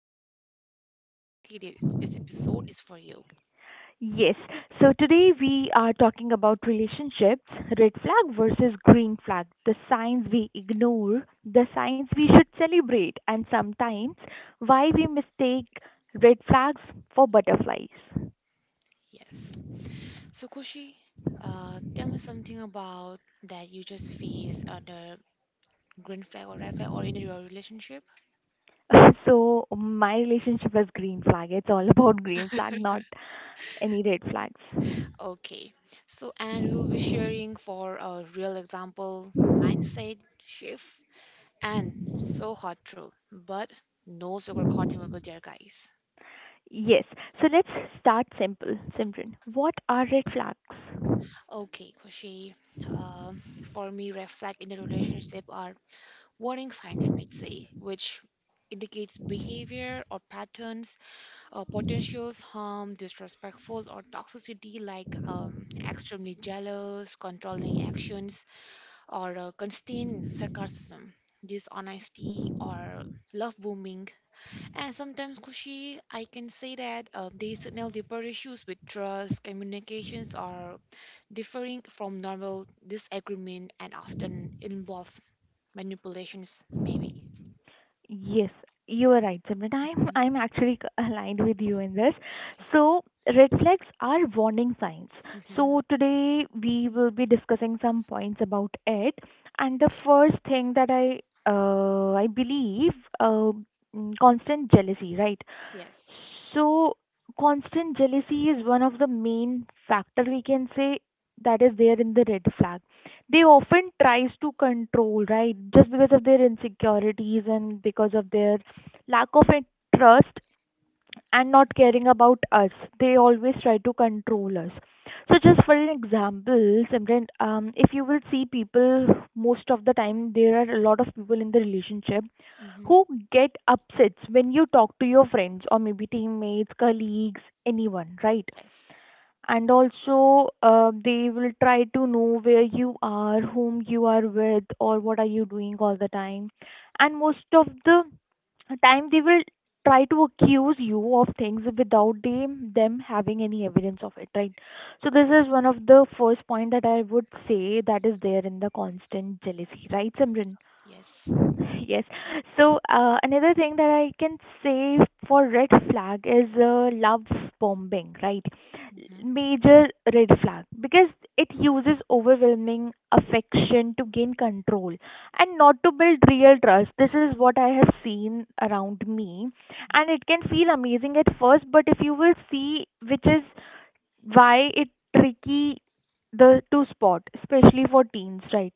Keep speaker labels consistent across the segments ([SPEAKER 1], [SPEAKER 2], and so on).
[SPEAKER 1] dating or it's complicated, this episode is for you.
[SPEAKER 2] Yes, so today we are talking about relationships, red flag versus green flag, the signs we ignore, the signs we should celebrate, and sometimes why we mistake red flags for butterflies.
[SPEAKER 1] Yes. So, Kushi, tell me something about that you just face under green flag or red flag or in your relationship.
[SPEAKER 2] So my relationship was green flag. It's all about green flag, not any red flags.
[SPEAKER 1] Okay. So, and we'll be sharing for a real example mindset shift and so hot truth, but no sugarcoating will be there, guys.
[SPEAKER 2] Yes. So let's start simple, Simran. What are red flags?
[SPEAKER 1] Okay, Kushi. Uh, for me, red flag in a relationship are warning sign, I might say, which indicates behavior or patterns, potentials harm, disrespectful or toxicity like extremely jealous, controlling actions, or constant sarcasm, dishonesty, or love booming. And sometimes, Kushi, I can say that they signal deeper issues with trust, communications, or differing from normal disagreement and often involve manipulations, maybe.
[SPEAKER 2] Yes, you are right, Simran. I'm
[SPEAKER 1] Mhm.
[SPEAKER 2] I'm actually aligned with you in this. So red flags are warning signs.
[SPEAKER 1] Mhm.
[SPEAKER 2] So today we will be discussing some points about it. And the
[SPEAKER 1] Eh,
[SPEAKER 2] first thing that I believe, uh, constant jealousy, right?
[SPEAKER 1] Yes.
[SPEAKER 2] So, constant jealousy is one of the main factor we can say that is there in the red flag. They often tries to control, right? Just because of their insecurities and because of their lack of trust, and not caring about us. They always try to control us. So, just for an example, Simran, if you will see people, most of the time there are a lot of people in the relationship
[SPEAKER 1] Mm-hmm.
[SPEAKER 2] who get upsets when you talk to your friends or maybe teammates, colleagues, anyone, right?
[SPEAKER 1] Yes.
[SPEAKER 2] And also, they will try to know where you are, whom you are with, or what are you doing all the time. And most of the time they will try to accuse you of things without them having any evidence of it, right? So this is one of the first point that I would say that is there in the constant jealousy, right, Simran?
[SPEAKER 1] Yes.
[SPEAKER 2] Yes. So another thing that I can say for red flag is love bombing, right?
[SPEAKER 1] Mm-hmm.
[SPEAKER 2] Major red flag, because it uses overwhelming affection to gain control and not to build real trust. This is what I have seen around me, and it can feel amazing at first, but if you will see, which is why it tricky the to spot, especially for teens, right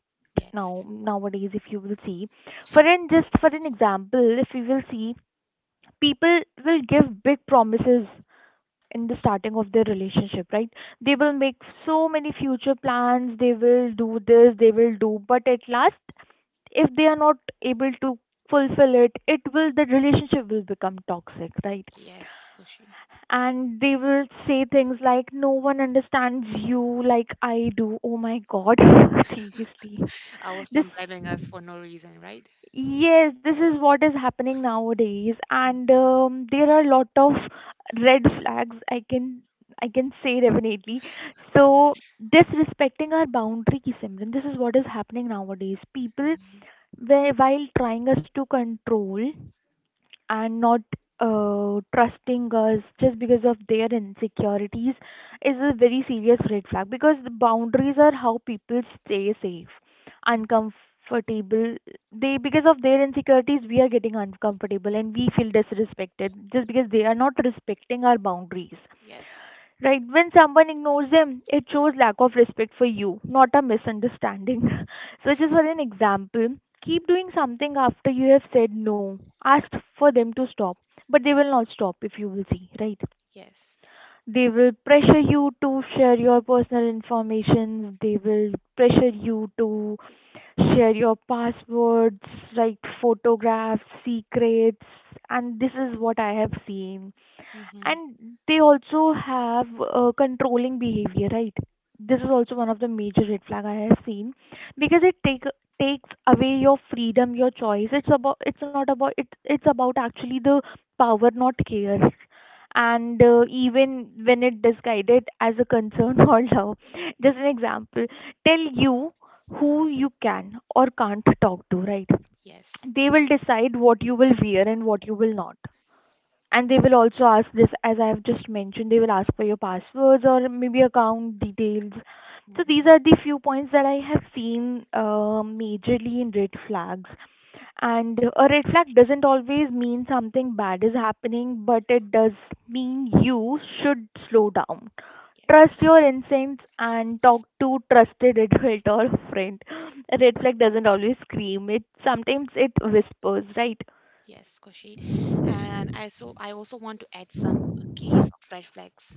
[SPEAKER 2] now
[SPEAKER 1] Yes.
[SPEAKER 2] nowadays. If you will see, for an just for an example, if you will see, people will give big promises in the starting of their relationship, right? They will make so many future plans. They will do this. They will do, but at last, if they are not able to fulfill it, it will the relationship will become toxic, right?
[SPEAKER 1] Yes, Hoshi.
[SPEAKER 2] And they will say things like, no one understands you like I do. Oh my God, seriously.
[SPEAKER 1] I was
[SPEAKER 2] This
[SPEAKER 1] then blaming us for no reason, right?
[SPEAKER 2] Yes, this is what is happening nowadays. And
[SPEAKER 1] Mm-hmm.
[SPEAKER 2] there are a lot of red flags, I can say, definitely. So disrespecting our boundary, Simran, this is what is happening nowadays. People while trying us to control and not trusting us just because of their insecurities is a very serious red flag, because the boundaries are how people stay safe.
[SPEAKER 1] Mm.
[SPEAKER 2] Uncomfortable, they, because of their insecurities, we are getting uncomfortable and we feel disrespected just because they are not respecting our boundaries.
[SPEAKER 1] Yes.
[SPEAKER 2] Right, when someone ignores them, it shows lack of respect for you, not a misunderstanding. So, just for an example, keep doing something after you have said no. Ask for them to stop, but they will not stop, if you will see, right?
[SPEAKER 1] Yes.
[SPEAKER 2] They will pressure you to share your personal information, they will pressure you to share your passwords, right? Photographs, secrets, and this is what I have seen.
[SPEAKER 1] Mm-hmm.
[SPEAKER 2] And they also have controlling behavior, right? This is
[SPEAKER 1] Mm.
[SPEAKER 2] also one of the major red flag I have seen, because it take takes away your freedom, your choice. It's not about it. It's about actually the power, not care. And even when it disguised as a concern or love, just an example, tell you who you can or can't talk to, right?
[SPEAKER 1] Yes.
[SPEAKER 2] They will decide what you will wear and what you will not. And they will also ask this, as I have just mentioned, they will ask for your passwords or maybe account details. So
[SPEAKER 1] Mm-hmm.
[SPEAKER 2] these are the few points that I have seen, majorly in red flags. And a red flag doesn't always mean something bad is happening, but it does mean you should slow down,
[SPEAKER 1] Yes.
[SPEAKER 2] trust your instincts, and talk to trusted adult or friend. A red flag doesn't always scream, it sometimes it whispers, right?
[SPEAKER 1] Yes, Koshi. And I also want to add some keys of red flags.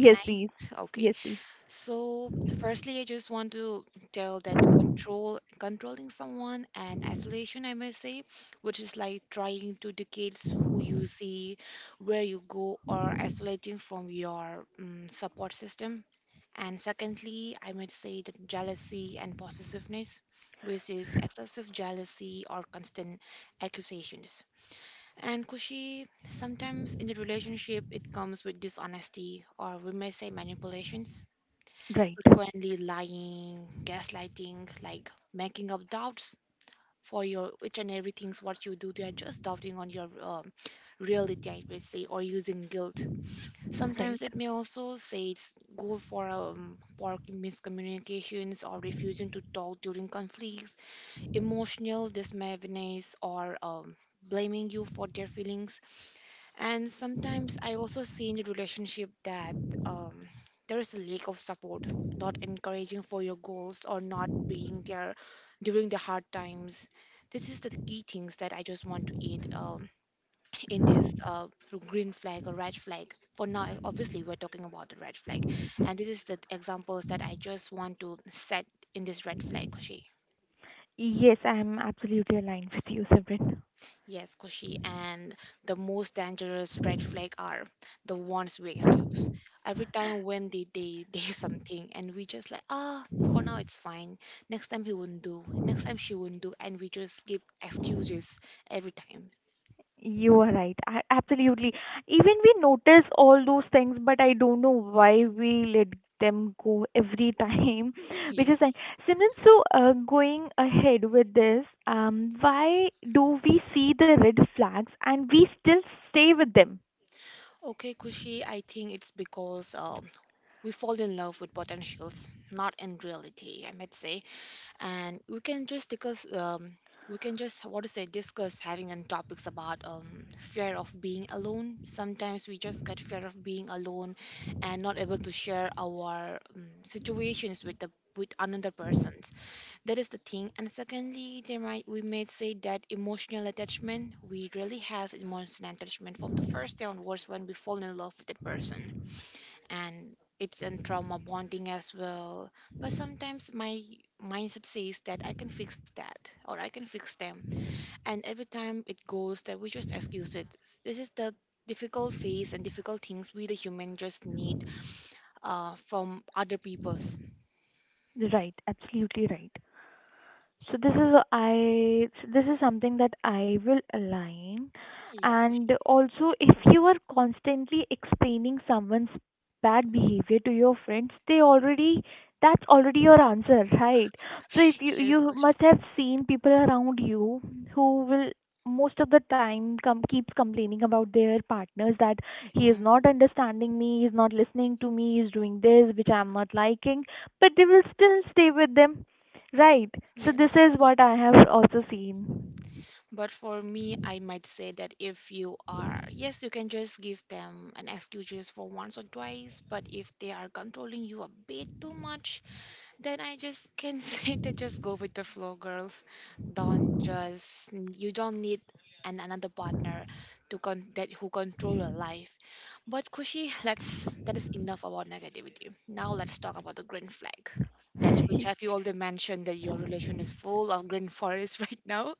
[SPEAKER 1] Can
[SPEAKER 2] Yes,
[SPEAKER 1] I?
[SPEAKER 2] please.
[SPEAKER 1] Okay.
[SPEAKER 2] Yes, please.
[SPEAKER 1] So, firstly, I just want to tell that controlling someone and isolation, I may say, which is like trying to dictate who you see, where you go, or isolating from your support system. And secondly, I might say that jealousy and possessiveness, which is excessive jealousy or constant accusations. And Kushi, sometimes in the relationship, it comes with dishonesty, or we may say manipulations
[SPEAKER 2] Right.
[SPEAKER 1] frequently lying, gaslighting, like making up doubts for your each and everything's what you do. They are just doubting on your reality, I would say, or using guilt.
[SPEAKER 2] Right.
[SPEAKER 1] Sometimes it may also say it's go for for miscommunications or refusing to talk during conflicts, emotional dismissiveness, or blaming you for their feelings, and sometimes I also see in the relationship that there is a lack of support, not encouraging for your goals or not being there during the hard times. This is the key things that I just want to add in this green flag or red flag. For now, obviously, we're talking about the red flag, and this is the examples that I just want to set in this red flag. She.
[SPEAKER 2] Yes, I am absolutely aligned with you, Sabrin.
[SPEAKER 1] Yes, Kushi, and the most dangerous red flag are the ones we excuse. Every time when they something and we just like for now it's fine. Next time he won't do. Next time she won't do, and we just give excuses every time.
[SPEAKER 2] You are right. I, absolutely. Even we notice all those things, but I don't know why we let them go every
[SPEAKER 1] Mhm.
[SPEAKER 2] time. Which is
[SPEAKER 1] Yes.
[SPEAKER 2] like, Simran, so going ahead with this, why do we see the red flags and we still stay with them?
[SPEAKER 1] Okay, Kushi, I think it's because we fall in love with potentials, not in reality. I might say, and we can just discuss we can just what to say discuss having on topics about fear of being alone. Sometimes we just get fear of being alone and not able to share our situations with the with another persons. That is the thing, and secondly, there might we may say that emotional attachment, we really have emotional attachment from the first day onwards when we fall in love with that person, and it's in trauma bonding as well. But sometimes my mindset says that I can fix that or I can fix them, and every time it goes that we just excuse it. This is the difficult phase and difficult things we the human just need from other people's.
[SPEAKER 2] Right. Absolutely right. So this is something that I will align.
[SPEAKER 1] Yes, question.
[SPEAKER 2] And also, if you are constantly explaining someone's bad behavior to your friends, they already that's already your answer, right? So if you
[SPEAKER 1] Yes,
[SPEAKER 2] you
[SPEAKER 1] question.
[SPEAKER 2] must have seen people around you who will most of the time come keeps complaining about their partners that he
[SPEAKER 1] Hmm.
[SPEAKER 2] is not understanding me, he is not listening to me, he is doing this which I am not liking, but they will still stay with them. Right. So this
[SPEAKER 1] Yes.
[SPEAKER 2] is what I have also seen.
[SPEAKER 1] But for me, I might say that if you are, yes, you can just give them an excuse just for once or twice, but if they are controlling you a bit too much, then I just can say that just go with the flow, girls. Don't just, you don't need an another partner to con that who control your life. But Kushi, let's that is enough about negativity. Now let's talk about the green flag. That's which have you already mentioned that your relation is full of green forest right now.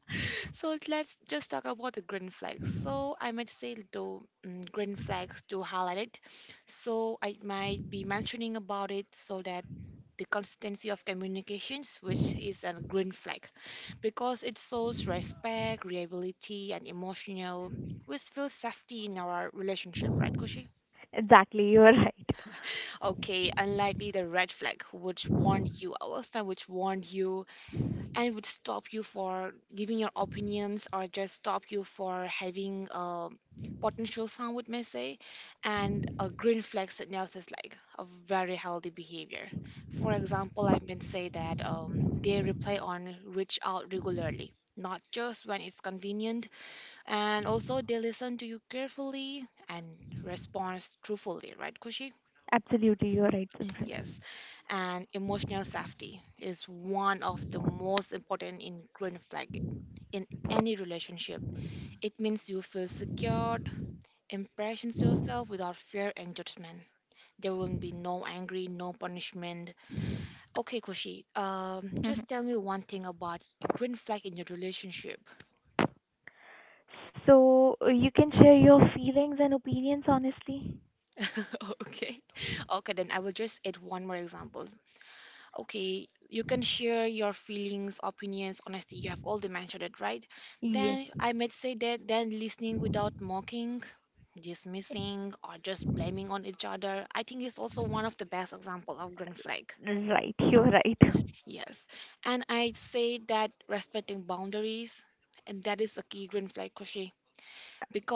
[SPEAKER 1] So let's just talk about the green flags. So I might say the green flags to highlight it. So I might be mentioning about it so that the consistency of communications, which is a green flag because it shows respect, reliability, and emotional. We feel safety in our relationship, right, Koshi?
[SPEAKER 2] Exactly, you are right.
[SPEAKER 1] Okay, unlikely the red flag, which warned you, I will was which warned you and would stop you for giving your opinions or just stop you for having a potential sound would may say, and a green flag signals is like a very healthy behavior. For example, I can say that they reply on reach out regularly, not just when it's convenient, and also they listen to you carefully and respond truthfully, right, Kushi?
[SPEAKER 2] Absolutely, you are right, Simran.
[SPEAKER 1] Yes, and emotional safety is one of the most important ingredient flag in any relationship. It means you feel secured, impressions yourself without fear and judgment. There will be no angry, no punishment. Okay, Kushi, just
[SPEAKER 2] Mhm.
[SPEAKER 1] tell me one thing about green flag in your relationship.
[SPEAKER 2] So you can share your feelings and opinions honestly.
[SPEAKER 1] Okay, okay, then I will just add one more example. Okay, you can share your feelings, opinions, honesty. You have already mentioned it, right?
[SPEAKER 2] Yes.
[SPEAKER 1] Then I might say that then listening without mocking, dismissing, or just blaming on each other, I think is also one of the best example of green flag.
[SPEAKER 2] Right, you are right.
[SPEAKER 1] Yes. And I say that respecting boundaries, and that is a key green flag, Koshi,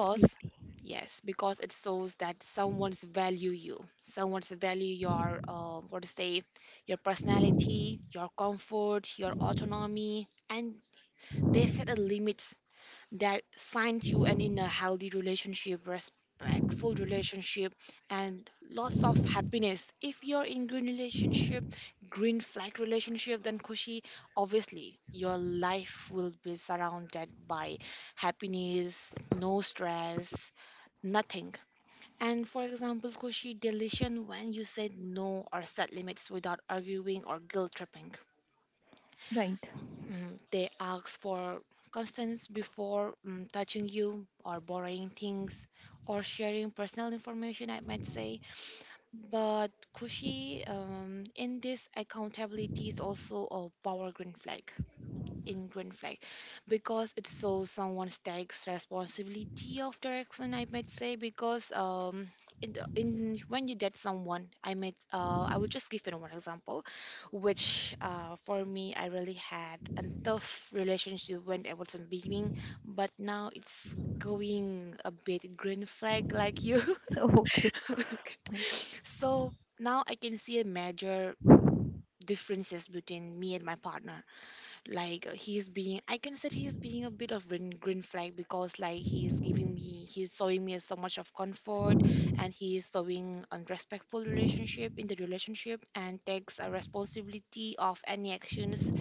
[SPEAKER 2] Absolutely.
[SPEAKER 1] yes, because it shows that someone's value your what to say your personality, your comfort, your autonomy, and they set a limit that finds you, and in a healthy relationship, respectful relationship, and lots of happiness, if you're in green relationship, green flag relationship, then Kushi, obviously your life will be surrounded by happiness, no stress, nothing. And for example, Kushi, deletion when you said no or set limits without arguing or guilt tripping.
[SPEAKER 2] Right.
[SPEAKER 1] They ask for consents before touching you or borrowing things or sharing personal information, I might say. But Kushi, in this accountability is also a power green flag. In green flag because it shows someone takes responsibility of direction. I might say, because in when you date someone, I might I will just give you one example, which for me, I really had a tough relationship when I was in beginning, but now it's going a bit green flag like you.
[SPEAKER 2] Okay.
[SPEAKER 1] Okay.
[SPEAKER 2] Fine.
[SPEAKER 1] So now I can see a major differences between me and my partner, like he's being I can say he's being a bit of green flag because like he's showing me so much of comfort, and he is showing a respectful relationship in the relationship and takes a responsibility of any actions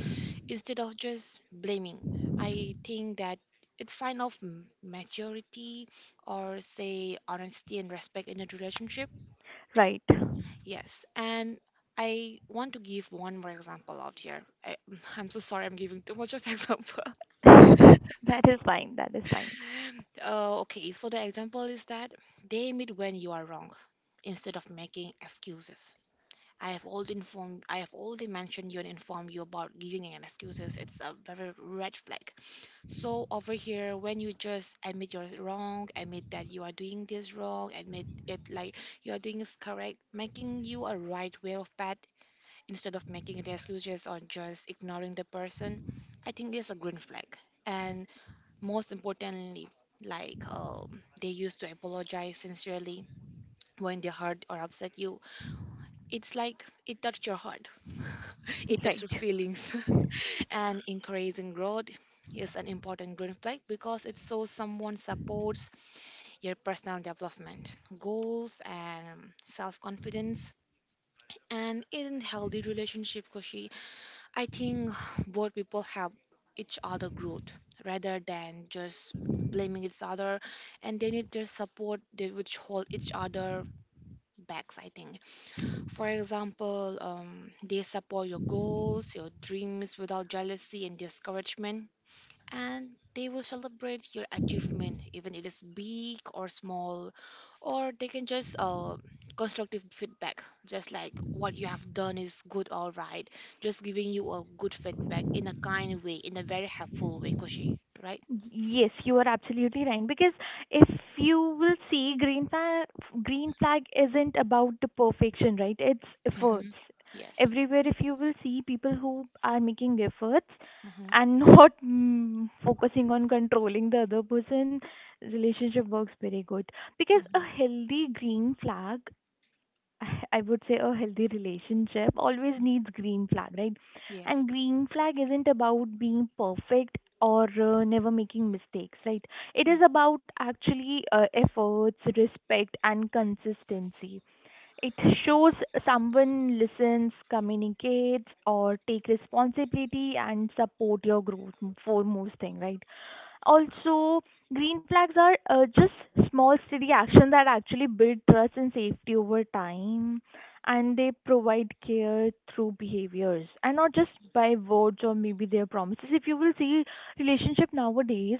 [SPEAKER 1] instead of just blaming. I think that it's sign of maturity, or say honesty and respect in a relationship.
[SPEAKER 2] Right.
[SPEAKER 1] Yes, and I want to give one more example out here. I, I'm so sorry, I'm giving too much of example.
[SPEAKER 2] That is fine. That is fine.
[SPEAKER 1] Okay, so the example is that they meet when you are wrong instead of making excuses. I have already mentioned you and informed you about giving an excuses. It's a very red flag. So over here when you just admit you're wrong, admit that you are doing this wrong, admit it like you are doing is correct, making you a right way of path instead of making the excuses or just ignoring the person, I think it's a green flag. And most importantly, like they used to apologize sincerely when they hurt or upset you. It's like it touched your heart, it touched
[SPEAKER 2] Right.
[SPEAKER 1] your feelings. And encouraging growth is an important green flag because it shows someone supports your personal development, goals, and self confidence. And in healthy relationship, Koshi. I think both people help each other growth rather than just blaming each other, and they need their support, they which hold each other backs, I think. For example, they support your goals, your dreams without jealousy and discouragement, and they will celebrate your achievement even it is big or small, or they can just constructive feedback, just like what you have done is good, all right, just giving you a good feedback in a kind way, in a very helpful way, Koshi, right?
[SPEAKER 2] Yes, you are absolutely right. Because if you will see, green flag isn't about the perfection, right? It's
[SPEAKER 1] Mm-hmm.
[SPEAKER 2] efforts.
[SPEAKER 1] Yes.
[SPEAKER 2] Everywhere, if you will see people who are making efforts
[SPEAKER 1] Mm-hmm.
[SPEAKER 2] and not focusing on controlling the other person, relationship works very good. Because a
[SPEAKER 1] Mm-hmm.
[SPEAKER 2] healthy green flag I would say a healthy relationship always needs green flag, right? And
[SPEAKER 1] Yes.
[SPEAKER 2] green flag isn't about being perfect or never making mistakes, right? It is about actually efforts, respect, and consistency. It shows someone listens, communicates, or take responsibility and support your growth for most thing, right? Also, green flags are just small, steady action that actually build trust and safety over time, and they provide care through behaviors and not just by words or maybe their promises. If you will see relationship nowadays,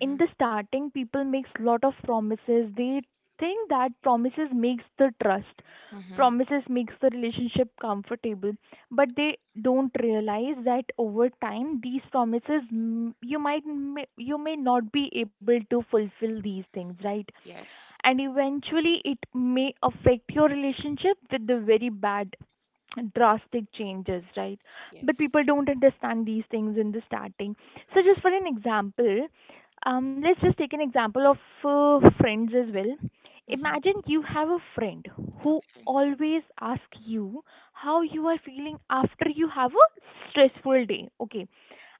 [SPEAKER 2] in the starting people makes lot of promises, they think that promises makes the trust,
[SPEAKER 1] Mm-hmm.
[SPEAKER 2] promises makes the relationship comfortable, but they don't realize that over time these promises, you might, you may not be able to fulfill these things, right?
[SPEAKER 1] Yes.
[SPEAKER 2] And eventually it may affect your relationship with the very bad drastic changes, right? But
[SPEAKER 1] Yes.
[SPEAKER 2] people don't understand these things in the starting. So, just for an example, let's just take an example of friends as well.
[SPEAKER 1] Mm-hmm.
[SPEAKER 2] Imagine you have a friend who
[SPEAKER 1] Okay.
[SPEAKER 2] always asks you how you are feeling after you have a stressful day, okay?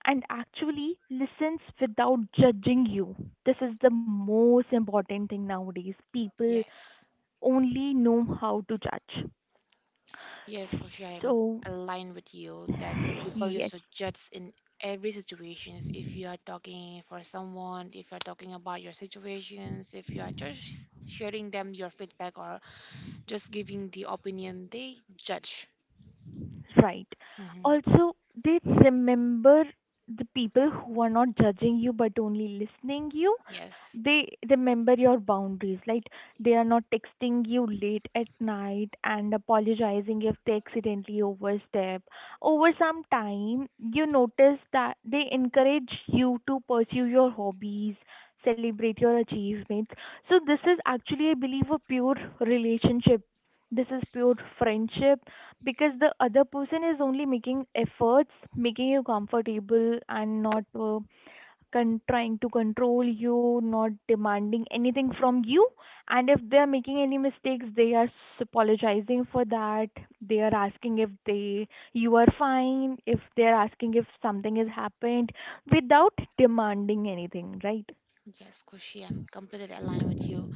[SPEAKER 2] And actually listens without judging you. This is the most important thing nowadays. People
[SPEAKER 1] Yes.
[SPEAKER 2] only know how to judge.
[SPEAKER 1] Yes, Koshi, I'm
[SPEAKER 2] So
[SPEAKER 1] aligned with you that people used
[SPEAKER 2] yes.
[SPEAKER 1] to judge in every situations. If you are talking for someone, if you are talking about your situations, if you are just sharing them your feedback or just giving the opinion, they judge.
[SPEAKER 2] Right.
[SPEAKER 1] hmm
[SPEAKER 2] Also, they remember the people who are not judging you, but only listening you.
[SPEAKER 1] Yes,
[SPEAKER 2] They remember your boundaries. Like, they are not texting you late at night and apologizing if they accidentally overstep. Over some time, you notice that they encourage you to pursue your hobbies, celebrate your achievements. So this is actually, I believe, a pure relationship. This is pure friendship, because the other person is only making efforts, making you comfortable and not trying to control you, not demanding anything from you. And if they are making any mistakes, they are apologizing for that. They are asking if they you are fine, if they are asking if something has happened, without demanding anything, right?
[SPEAKER 1] yes, Koshi, I'm completely aligned with you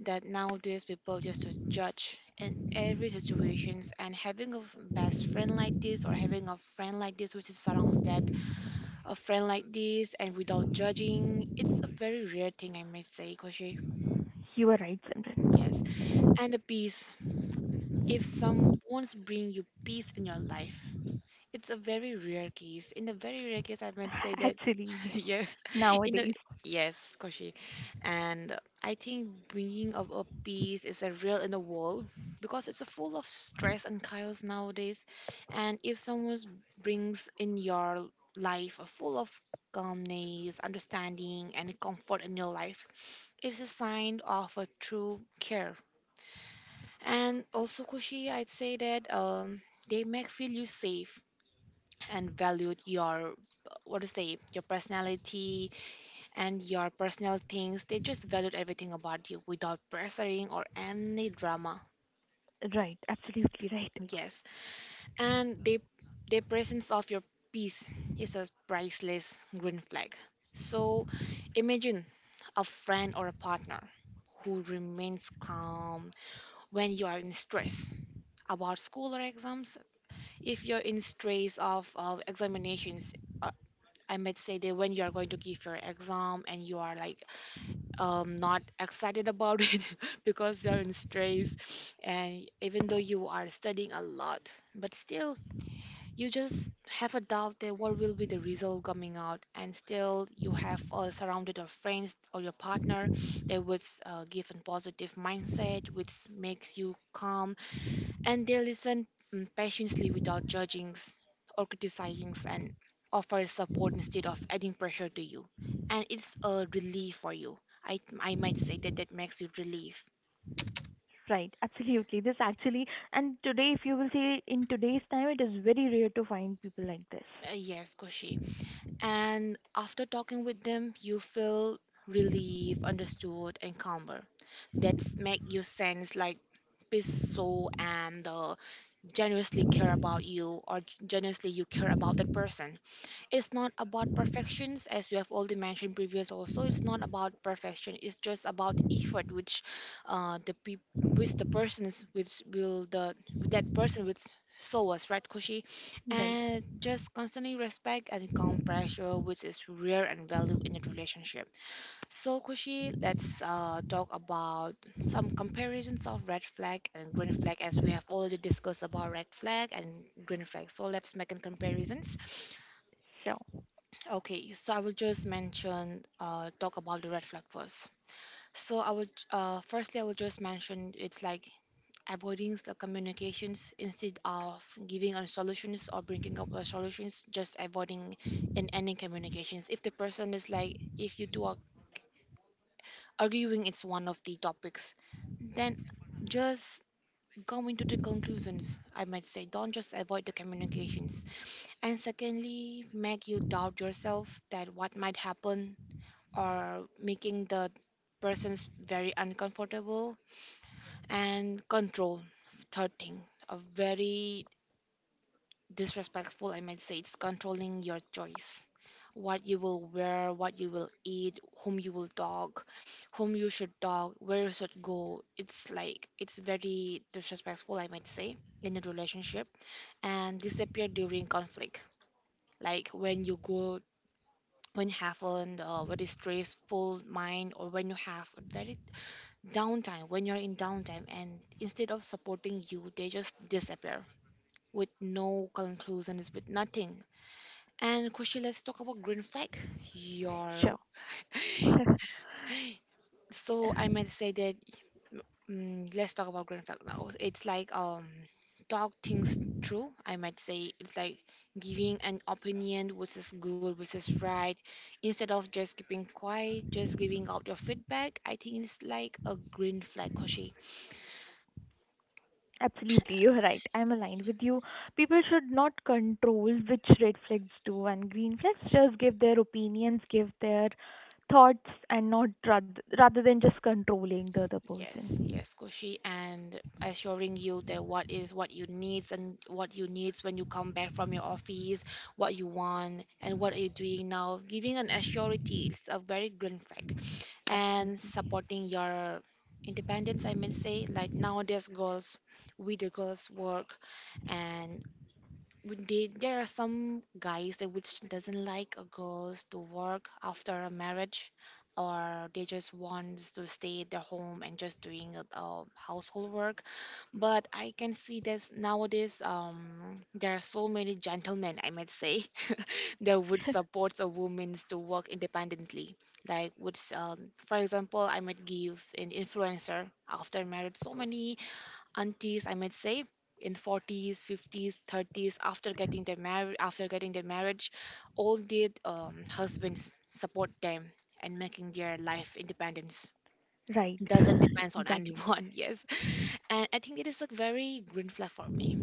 [SPEAKER 1] that nowadays people just to judge in every situations, and having a best friend like this, or having a friend like this which is around that a friend like this and without judging. It's a very rare thing, I must say, Koshi.
[SPEAKER 2] You are right, Simran.
[SPEAKER 1] Yes. And the peace. If someone's bring you peace in your life, it's a very rare case. In a very rare case, I might say that
[SPEAKER 2] Actually, yes.
[SPEAKER 1] Yes, in the
[SPEAKER 2] Nowadays,
[SPEAKER 1] yes, Koshi, and I think bringing of a piece is a real in the world because it's a full of stress and chaos nowadays. And if someone brings in your life a full of calmness, understanding, and comfort in your life, it's a sign of a true care. And also, Koshi, I'd say that they make feel you safe and valued your what to say your personality and your personal things. They just valued everything about you without pressuring or any drama.
[SPEAKER 2] right? Absolutely right.
[SPEAKER 1] Yes, and the presence of your peace is a priceless green flag. So imagine a friend or a partner who remains calm when you are in stress about school or exams. If you're in stress of examinations, uh, I might say that when you are going to give your exam and you are like not excited about it because you're in stress, and even though you are studying a lot but still you just have a doubt that what will be the result coming out, and still you have surrounded your friends or your partner that would give a positive mindset which makes you calm, and they listen patiently without or criticizing, and offer support instead of adding pressure to you, and it's a relief for you. I might say that that makes you relief.
[SPEAKER 2] Right, absolutely. This actually, and today, if you will see, in today's time, it is very rare to find people like this.
[SPEAKER 1] Yes, Koshi, and after talking with them you feel relief, understood, and calmer. That's make you sense like peace. So and generously care about you, or generously you care about that person. It's not about perfections, as you have already mentioned previous also. It's not about perfection, it's just about effort which the people which the persons which will the with that person which show us, right, Kushi?
[SPEAKER 2] Right.
[SPEAKER 1] And just constantly respect and calm pressure which is rare and valued in a relationship. So Kushi, let's talk about some comparisons of red flag and green flag, as we have already discussed about red flag and green flag. So let's make a comparison.
[SPEAKER 2] Sure.
[SPEAKER 1] Okay, so I will just mention, talk about the red flag first. So I would, firstly, I will just mention it's like avoiding the communications instead of giving on solutions or bringing up a solutions, just avoiding and ending communications. If the person is like, if you do a arguing it's one of the topics, then just go into the conclusions, I might say. Don't just avoid the communications. And secondly, make you doubt yourself that what might happen, or making the persons very uncomfortable and control. Third thing, a very disrespectful, I might say, it's controlling your choice. What you will wear, what you will eat, whom you will talk, whom you should talk, where you should go. It's like it's very disrespectful, I might say, in a relationship. And disappear during conflict, like when you go when you have an very stressful mind, or when you have a very downtime, when you're in downtime, and instead of supporting you they just disappear with no conclusions, with nothing. And Kushi, let's talk about green flag. Your
[SPEAKER 2] Sure.
[SPEAKER 1] so I might say that let's talk about green flag now. It's like talk things through, I might say. It's like giving an opinion which is good, which is right, instead of just keeping quiet. Just giving out your feedback, I think it's like a green flag, Koshi.
[SPEAKER 2] Absolutely, you're right. I'm aligned with you. People should not control which red flags do and green flags. Just give their opinions, give their thoughts, and not, rather than just controlling the other
[SPEAKER 1] Yes,
[SPEAKER 2] person.
[SPEAKER 1] Koshi, and assuring you that what is what you needs, and what you needs when you come back from your office, what you want and what are you doing now. Giving an assurity is a very green flag, and
[SPEAKER 2] Absolutely.
[SPEAKER 1] supporting your independence. I may say, like nowadays, girls, we the girls work, and would they, there are some guys that which doesn't like a girls to work after a marriage, or they just want to stay at their home and just doing household work. But I can see that nowadays there are so many gentlemen, I might say, that would support a woman to work independently, like which for example I might give an influencer after marriage. So many aunties, I might say, in 40s, 50s, 30s, after getting their marriage, all their husbands support them, and making their life independence,
[SPEAKER 2] Right.
[SPEAKER 1] doesn't depends on
[SPEAKER 2] Exactly.
[SPEAKER 1] anyone. Yes, and I think it is a very green flag for me.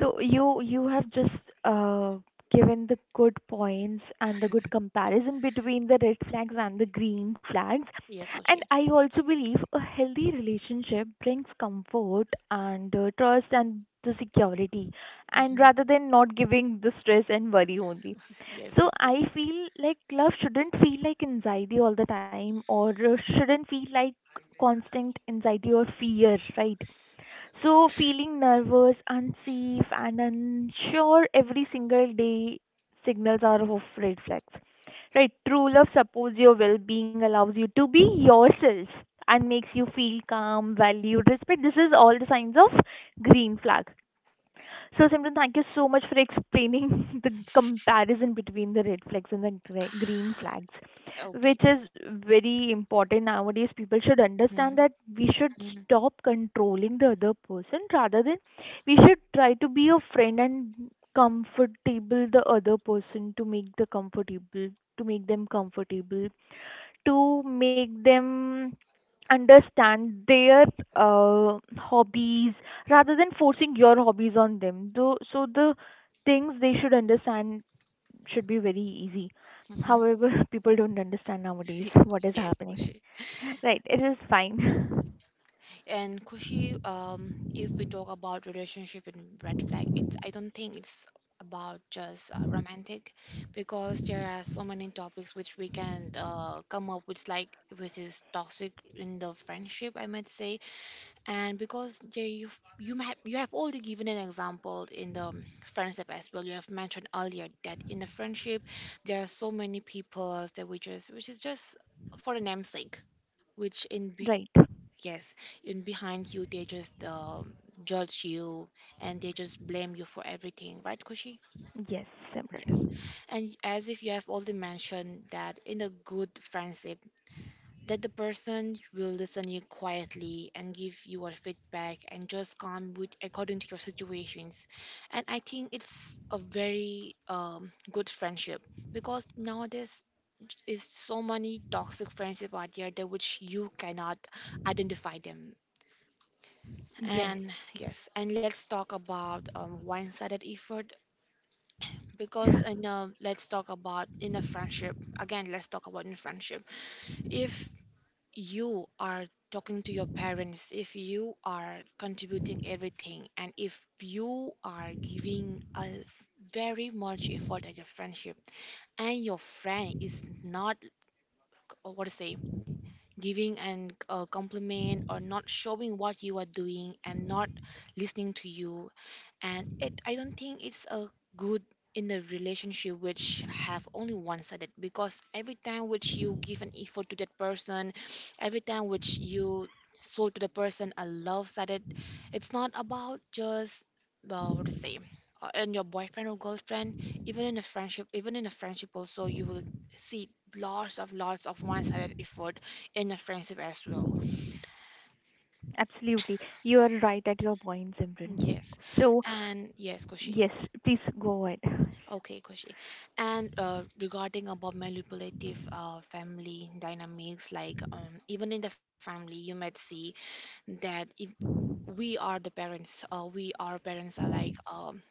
[SPEAKER 2] So you have just given the good points and the good comparison between the red flags and the green flags.
[SPEAKER 1] Yes,
[SPEAKER 2] And
[SPEAKER 1] Koshi.
[SPEAKER 2] I also believe a healthy relationship brings comfort and trust and the security, and
[SPEAKER 1] Hmm.
[SPEAKER 2] rather than not giving the stress and worry only.
[SPEAKER 1] Yes,
[SPEAKER 2] So
[SPEAKER 1] Koshi.
[SPEAKER 2] I feel like love shouldn't feel like anxiety all the time, or shouldn't feel like constant anxiety or fear, right? So, feeling nervous, unsafe, and unsure every single day signals are of red flags. Right, true love supports your well being, allows you to be yourself, and makes you feel calm, valued, respect. This is all the signs of green flag. So, Simran, thank you so much for explaining the comparison between the red flags and the green flags, which
[SPEAKER 1] Okay.
[SPEAKER 2] is very important nowadays. People should understand
[SPEAKER 1] Hmm.
[SPEAKER 2] that we should
[SPEAKER 1] Hmm.
[SPEAKER 2] stop controlling the other person rather than we should try to be a friend and comfortable the other person to make the comfortable to make them comfortable to make them understand their hobbies rather than forcing your hobbies on them. Though, so the things they should understand should be very easy.
[SPEAKER 1] Hmm.
[SPEAKER 2] However, people don't understand nowadays what is
[SPEAKER 1] Yes,
[SPEAKER 2] happening.
[SPEAKER 1] Koshi.
[SPEAKER 2] Right, it is fine.
[SPEAKER 1] And Kushi, if we talk about relationship and red flag, it's I don't think it's about just romantic, because there are so many topics which we can come up with, like which is toxic in the friendship, I might say. And because there you have already given an example in the friendship as well. You have mentioned earlier that in the friendship there are so many people that we just which is just for the namesake, which in
[SPEAKER 2] Right.
[SPEAKER 1] yes, in behind you, they just judge you, and they just blame you for everything, right, Kushi?
[SPEAKER 2] Yes,
[SPEAKER 1] Yes.
[SPEAKER 2] Simran.
[SPEAKER 1] And as if you have already mentioned that in a good friendship, that the person will listen you quietly and give you a feedback and just come with according to your situations. And I think it's a very good friendship, because nowadays is so many toxic friendship out there that which you cannot identify them.
[SPEAKER 2] Yes,
[SPEAKER 1] And yes, and let's talk about one-sided effort because and let's talk about in a friendship again. Let's talk about in friendship. If you are talking to your parents, if you are contributing everything, and if you are giving a very much effort at your friendship, and your friend is not what to say giving and compliment, or not showing what you are doing, and not listening to you, and it I don't think it's a good in a relationship which have only one sided. Because every time which you give an effort to that person, every time which you show to the person a love sided, it's not about just what to say in your boyfriend or girlfriend. Even in a friendship even in a friendship also you will see lots of one sided effort in a friendship as well.
[SPEAKER 2] absolutely. You are right at your point, Simran.
[SPEAKER 1] Yes,
[SPEAKER 2] So,
[SPEAKER 1] and yes Koshi.
[SPEAKER 2] yes, please go ahead.
[SPEAKER 1] Okay, Koshi. And regarding about manipulative family dynamics, like even in the family, you might see that if we are the parents, we our parents are like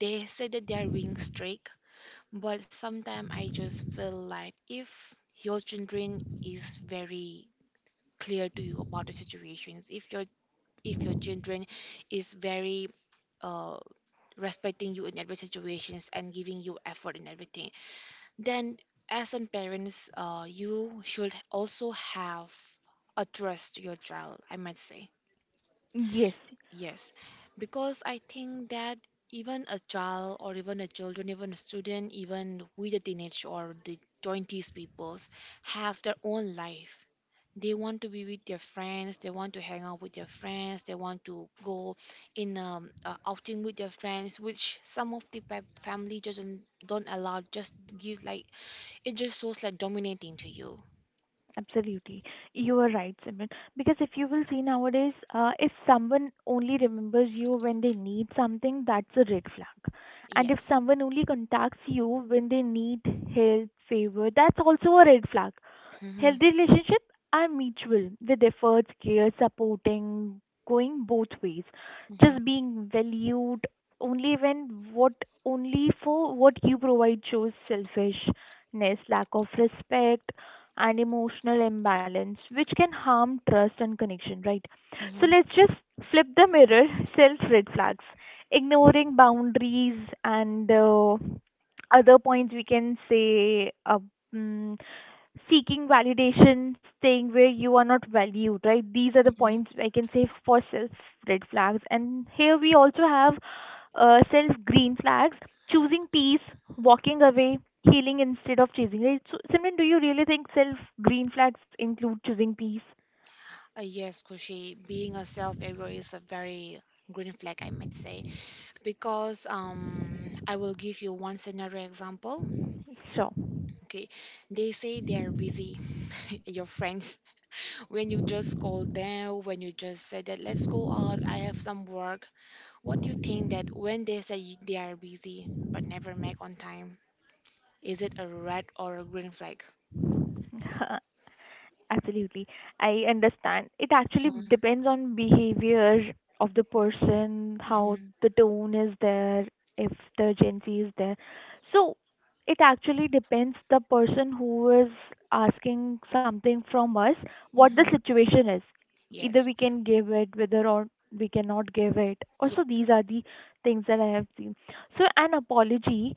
[SPEAKER 1] they say that they are being strict, but sometimes I just feel like if your children is very clear to you about the situations, if your children is very uh, respecting you in every situations and giving you effort in everything, then as a parents you should also have addressed your child, I might say.
[SPEAKER 2] Yes,
[SPEAKER 1] Yes, because I think that even a children, even a student, even with the teenage or the 20s peoples, have their own life. They want to be with their friends, they want to hang out with their friends, they want to go in outing with their friends, which some of the family doesn't don't allow. Just give like it just feels like dominating to you.
[SPEAKER 2] absolutely. You are right, Simran. Because if you will see nowadays, if someone only remembers you when they need something, that's a red flag. And if
[SPEAKER 1] Yes.
[SPEAKER 2] someone only contacts you when they need help, favor, that's also a red flag.
[SPEAKER 1] Mm-hmm.
[SPEAKER 2] Healthy relationship are mutual with efforts, care, supporting, going both ways.
[SPEAKER 1] Mm-hmm.
[SPEAKER 2] Just being valued only when what only for what you provide shows selfishness, lack of respect and emotional imbalance, which can harm trust and connection, right? So
[SPEAKER 1] Mm-hmm.
[SPEAKER 2] let's just flip the mirror, self red flags, ignoring boundaries and other points we can say. Mm, seeking validation, staying where you are not valued, right? These are the
[SPEAKER 1] Mm-hmm.
[SPEAKER 2] points I can say for self red flags. And here we also have self green flags, choosing peace, walking away, healing instead of chasing it. So, Simran, do you really think self green flags include choosing peace?
[SPEAKER 1] Yes, Kushi, being a self-aware is a very green flag, I might say, because I will give you one scenario example.
[SPEAKER 2] Sure.
[SPEAKER 1] Okay, they say they are busy, your friends. When you just call them, when you just say that let's go out, I have some work. What do you think that when they say they are busy but never make on time, is it a red or a green flag?
[SPEAKER 2] Absolutely. I understand. It actually depends on behavior of the person, how
[SPEAKER 1] Mm-hmm.
[SPEAKER 2] the tone is there, if the urgency is there. So it actually depends the person who is asking something from us, what the
[SPEAKER 1] Mm-hmm.
[SPEAKER 2] situation is. Either
[SPEAKER 1] Yes.
[SPEAKER 2] we can give it, whether or we cannot give it.
[SPEAKER 1] Yeah.
[SPEAKER 2] Also, these are the things that I have seen. So an apology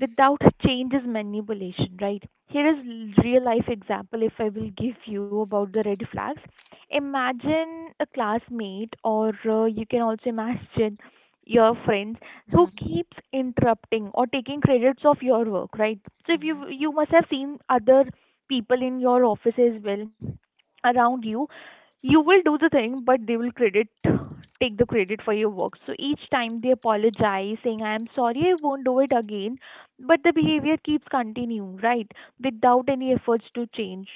[SPEAKER 2] without change is manipulation, right? Here is real life example if I will give you about the red flags. Imagine a classmate or you can also imagine your friends who
[SPEAKER 1] Mm-hmm.
[SPEAKER 2] keeps interrupting or taking credits of your work, right? So if you
[SPEAKER 1] Mm-hmm.
[SPEAKER 2] you must have seen other people in your office as well around you, you will do the thing but they will credit take the credit for your work. So each time they apologize saying I am sorry I won't do it again but the behavior keeps continuing, right? Without any efforts to change.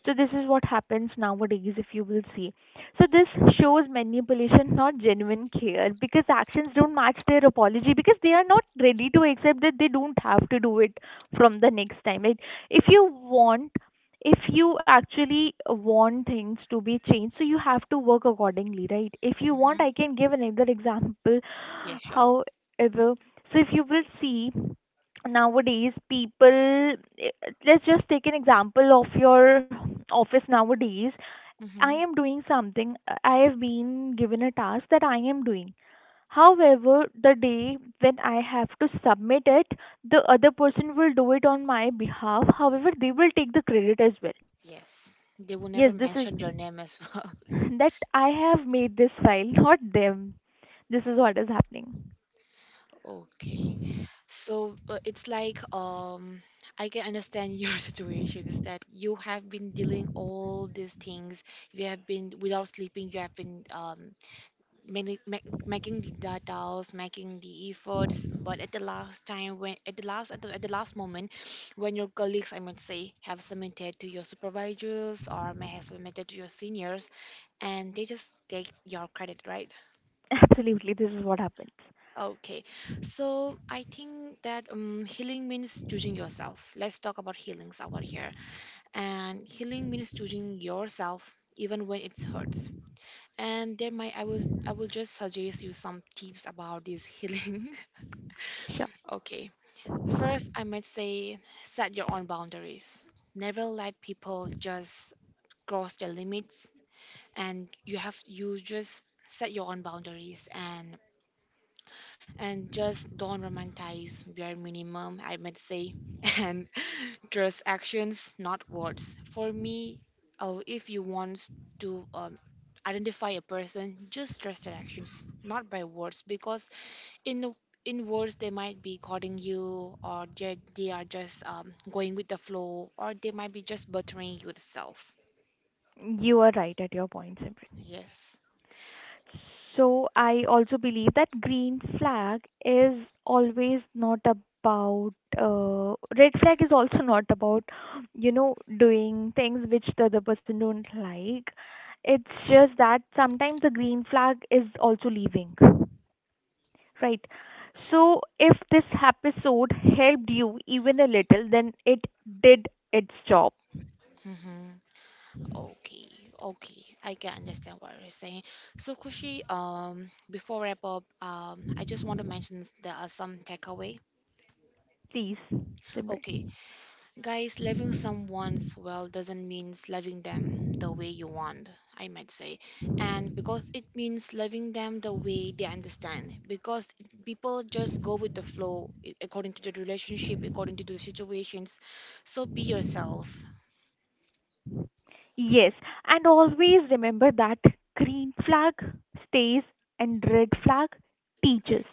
[SPEAKER 2] So this is what happens nowadays if you will see. So this shows manipulation, not genuine care, because actions don't match their apology because they are not ready to accept that they don't have to do it from the next time. Like if you want if you actually want things to be changed, so you have to work accordingly, right? If you want I
[SPEAKER 1] Hmm.
[SPEAKER 2] can give another example.
[SPEAKER 1] Yes, sure.
[SPEAKER 2] However, so if you will see nowadays people, let's just take an example of your office nowadays. I
[SPEAKER 1] Mm-hmm.
[SPEAKER 2] am doing something, I have been given a task that I am doing, however the day when I have to submit it, the other person will do it on my behalf, however they will take the credit as well.
[SPEAKER 1] Yes, they will
[SPEAKER 2] Yes,
[SPEAKER 1] never
[SPEAKER 2] this is
[SPEAKER 1] mention your name as well.
[SPEAKER 2] that I have made this file, not them. This is what is happening.
[SPEAKER 1] Okay. So it's like I can understand your situation is that you have been dealing all these things. You have been without sleeping, you have been making the details, making the efforts, but at the last time when at the last moment, when your colleagues, I might say, have submitted to your supervisors, or may have submitted to your seniors, and they just take your credit, right?
[SPEAKER 2] Absolutely, this is what happens.
[SPEAKER 1] Okay, so I think that healing means choosing yourself. Let's talk about healings over here, and healing means choosing yourself even when it hurts, and there might I will just suggest you some tips about this healing.
[SPEAKER 2] Sure,
[SPEAKER 1] Okay. First, I might say, set your own boundaries. Never let people just cross their limits, and you just set your own boundaries, and just don't romanticize bare minimum, I might say, and trust actions, not words. For me, if you want to identify a person, just trust their actions, not by words. Because in the in words they might be courting you, or they are just going with the flow, or they might be just buttering yourself.
[SPEAKER 2] you are right at your point, Simran.
[SPEAKER 1] Yes.
[SPEAKER 2] So I also believe that green flag is always not about red flag is also not about you know doing things which the other person don't like. It's just that sometimes the green flag is also leaving, right? So if this episode helped you even a little, then it did its job.
[SPEAKER 1] Okay, okay, I can understand what you're saying. So, Kushi, before wrap up, I just want to mention there are some takeaway.
[SPEAKER 2] Please,
[SPEAKER 1] Okay,
[SPEAKER 2] Simran.
[SPEAKER 1] guys, loving someone's well doesn't mean loving them the way you want, I might say, and because it means loving them the way they understand. Because people just go with the flow according to the relationship, according to the situations. So be yourself.
[SPEAKER 2] Yes, and always remember that green flag stays and red flag teaches.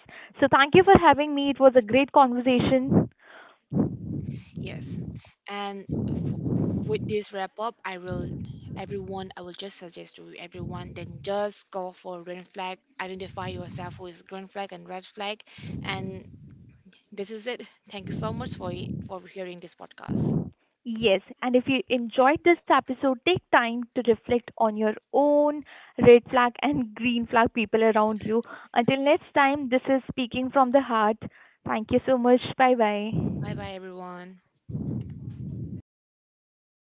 [SPEAKER 2] So thank you for having me. It was a great conversation.
[SPEAKER 1] Yes. And with this wrap up, I will everyone I will just suggest to everyone then just go for red flag, identify yourself with green flag and red flag, and this is it. Thank you so much for hearing this podcast.
[SPEAKER 2] Yes, and if you enjoyed this episode, take time to reflect on your own red flag and green flag people around you. Until next time, this is Speaking from the Heart. Thank you so much. Bye bye.
[SPEAKER 1] Bye bye everyone.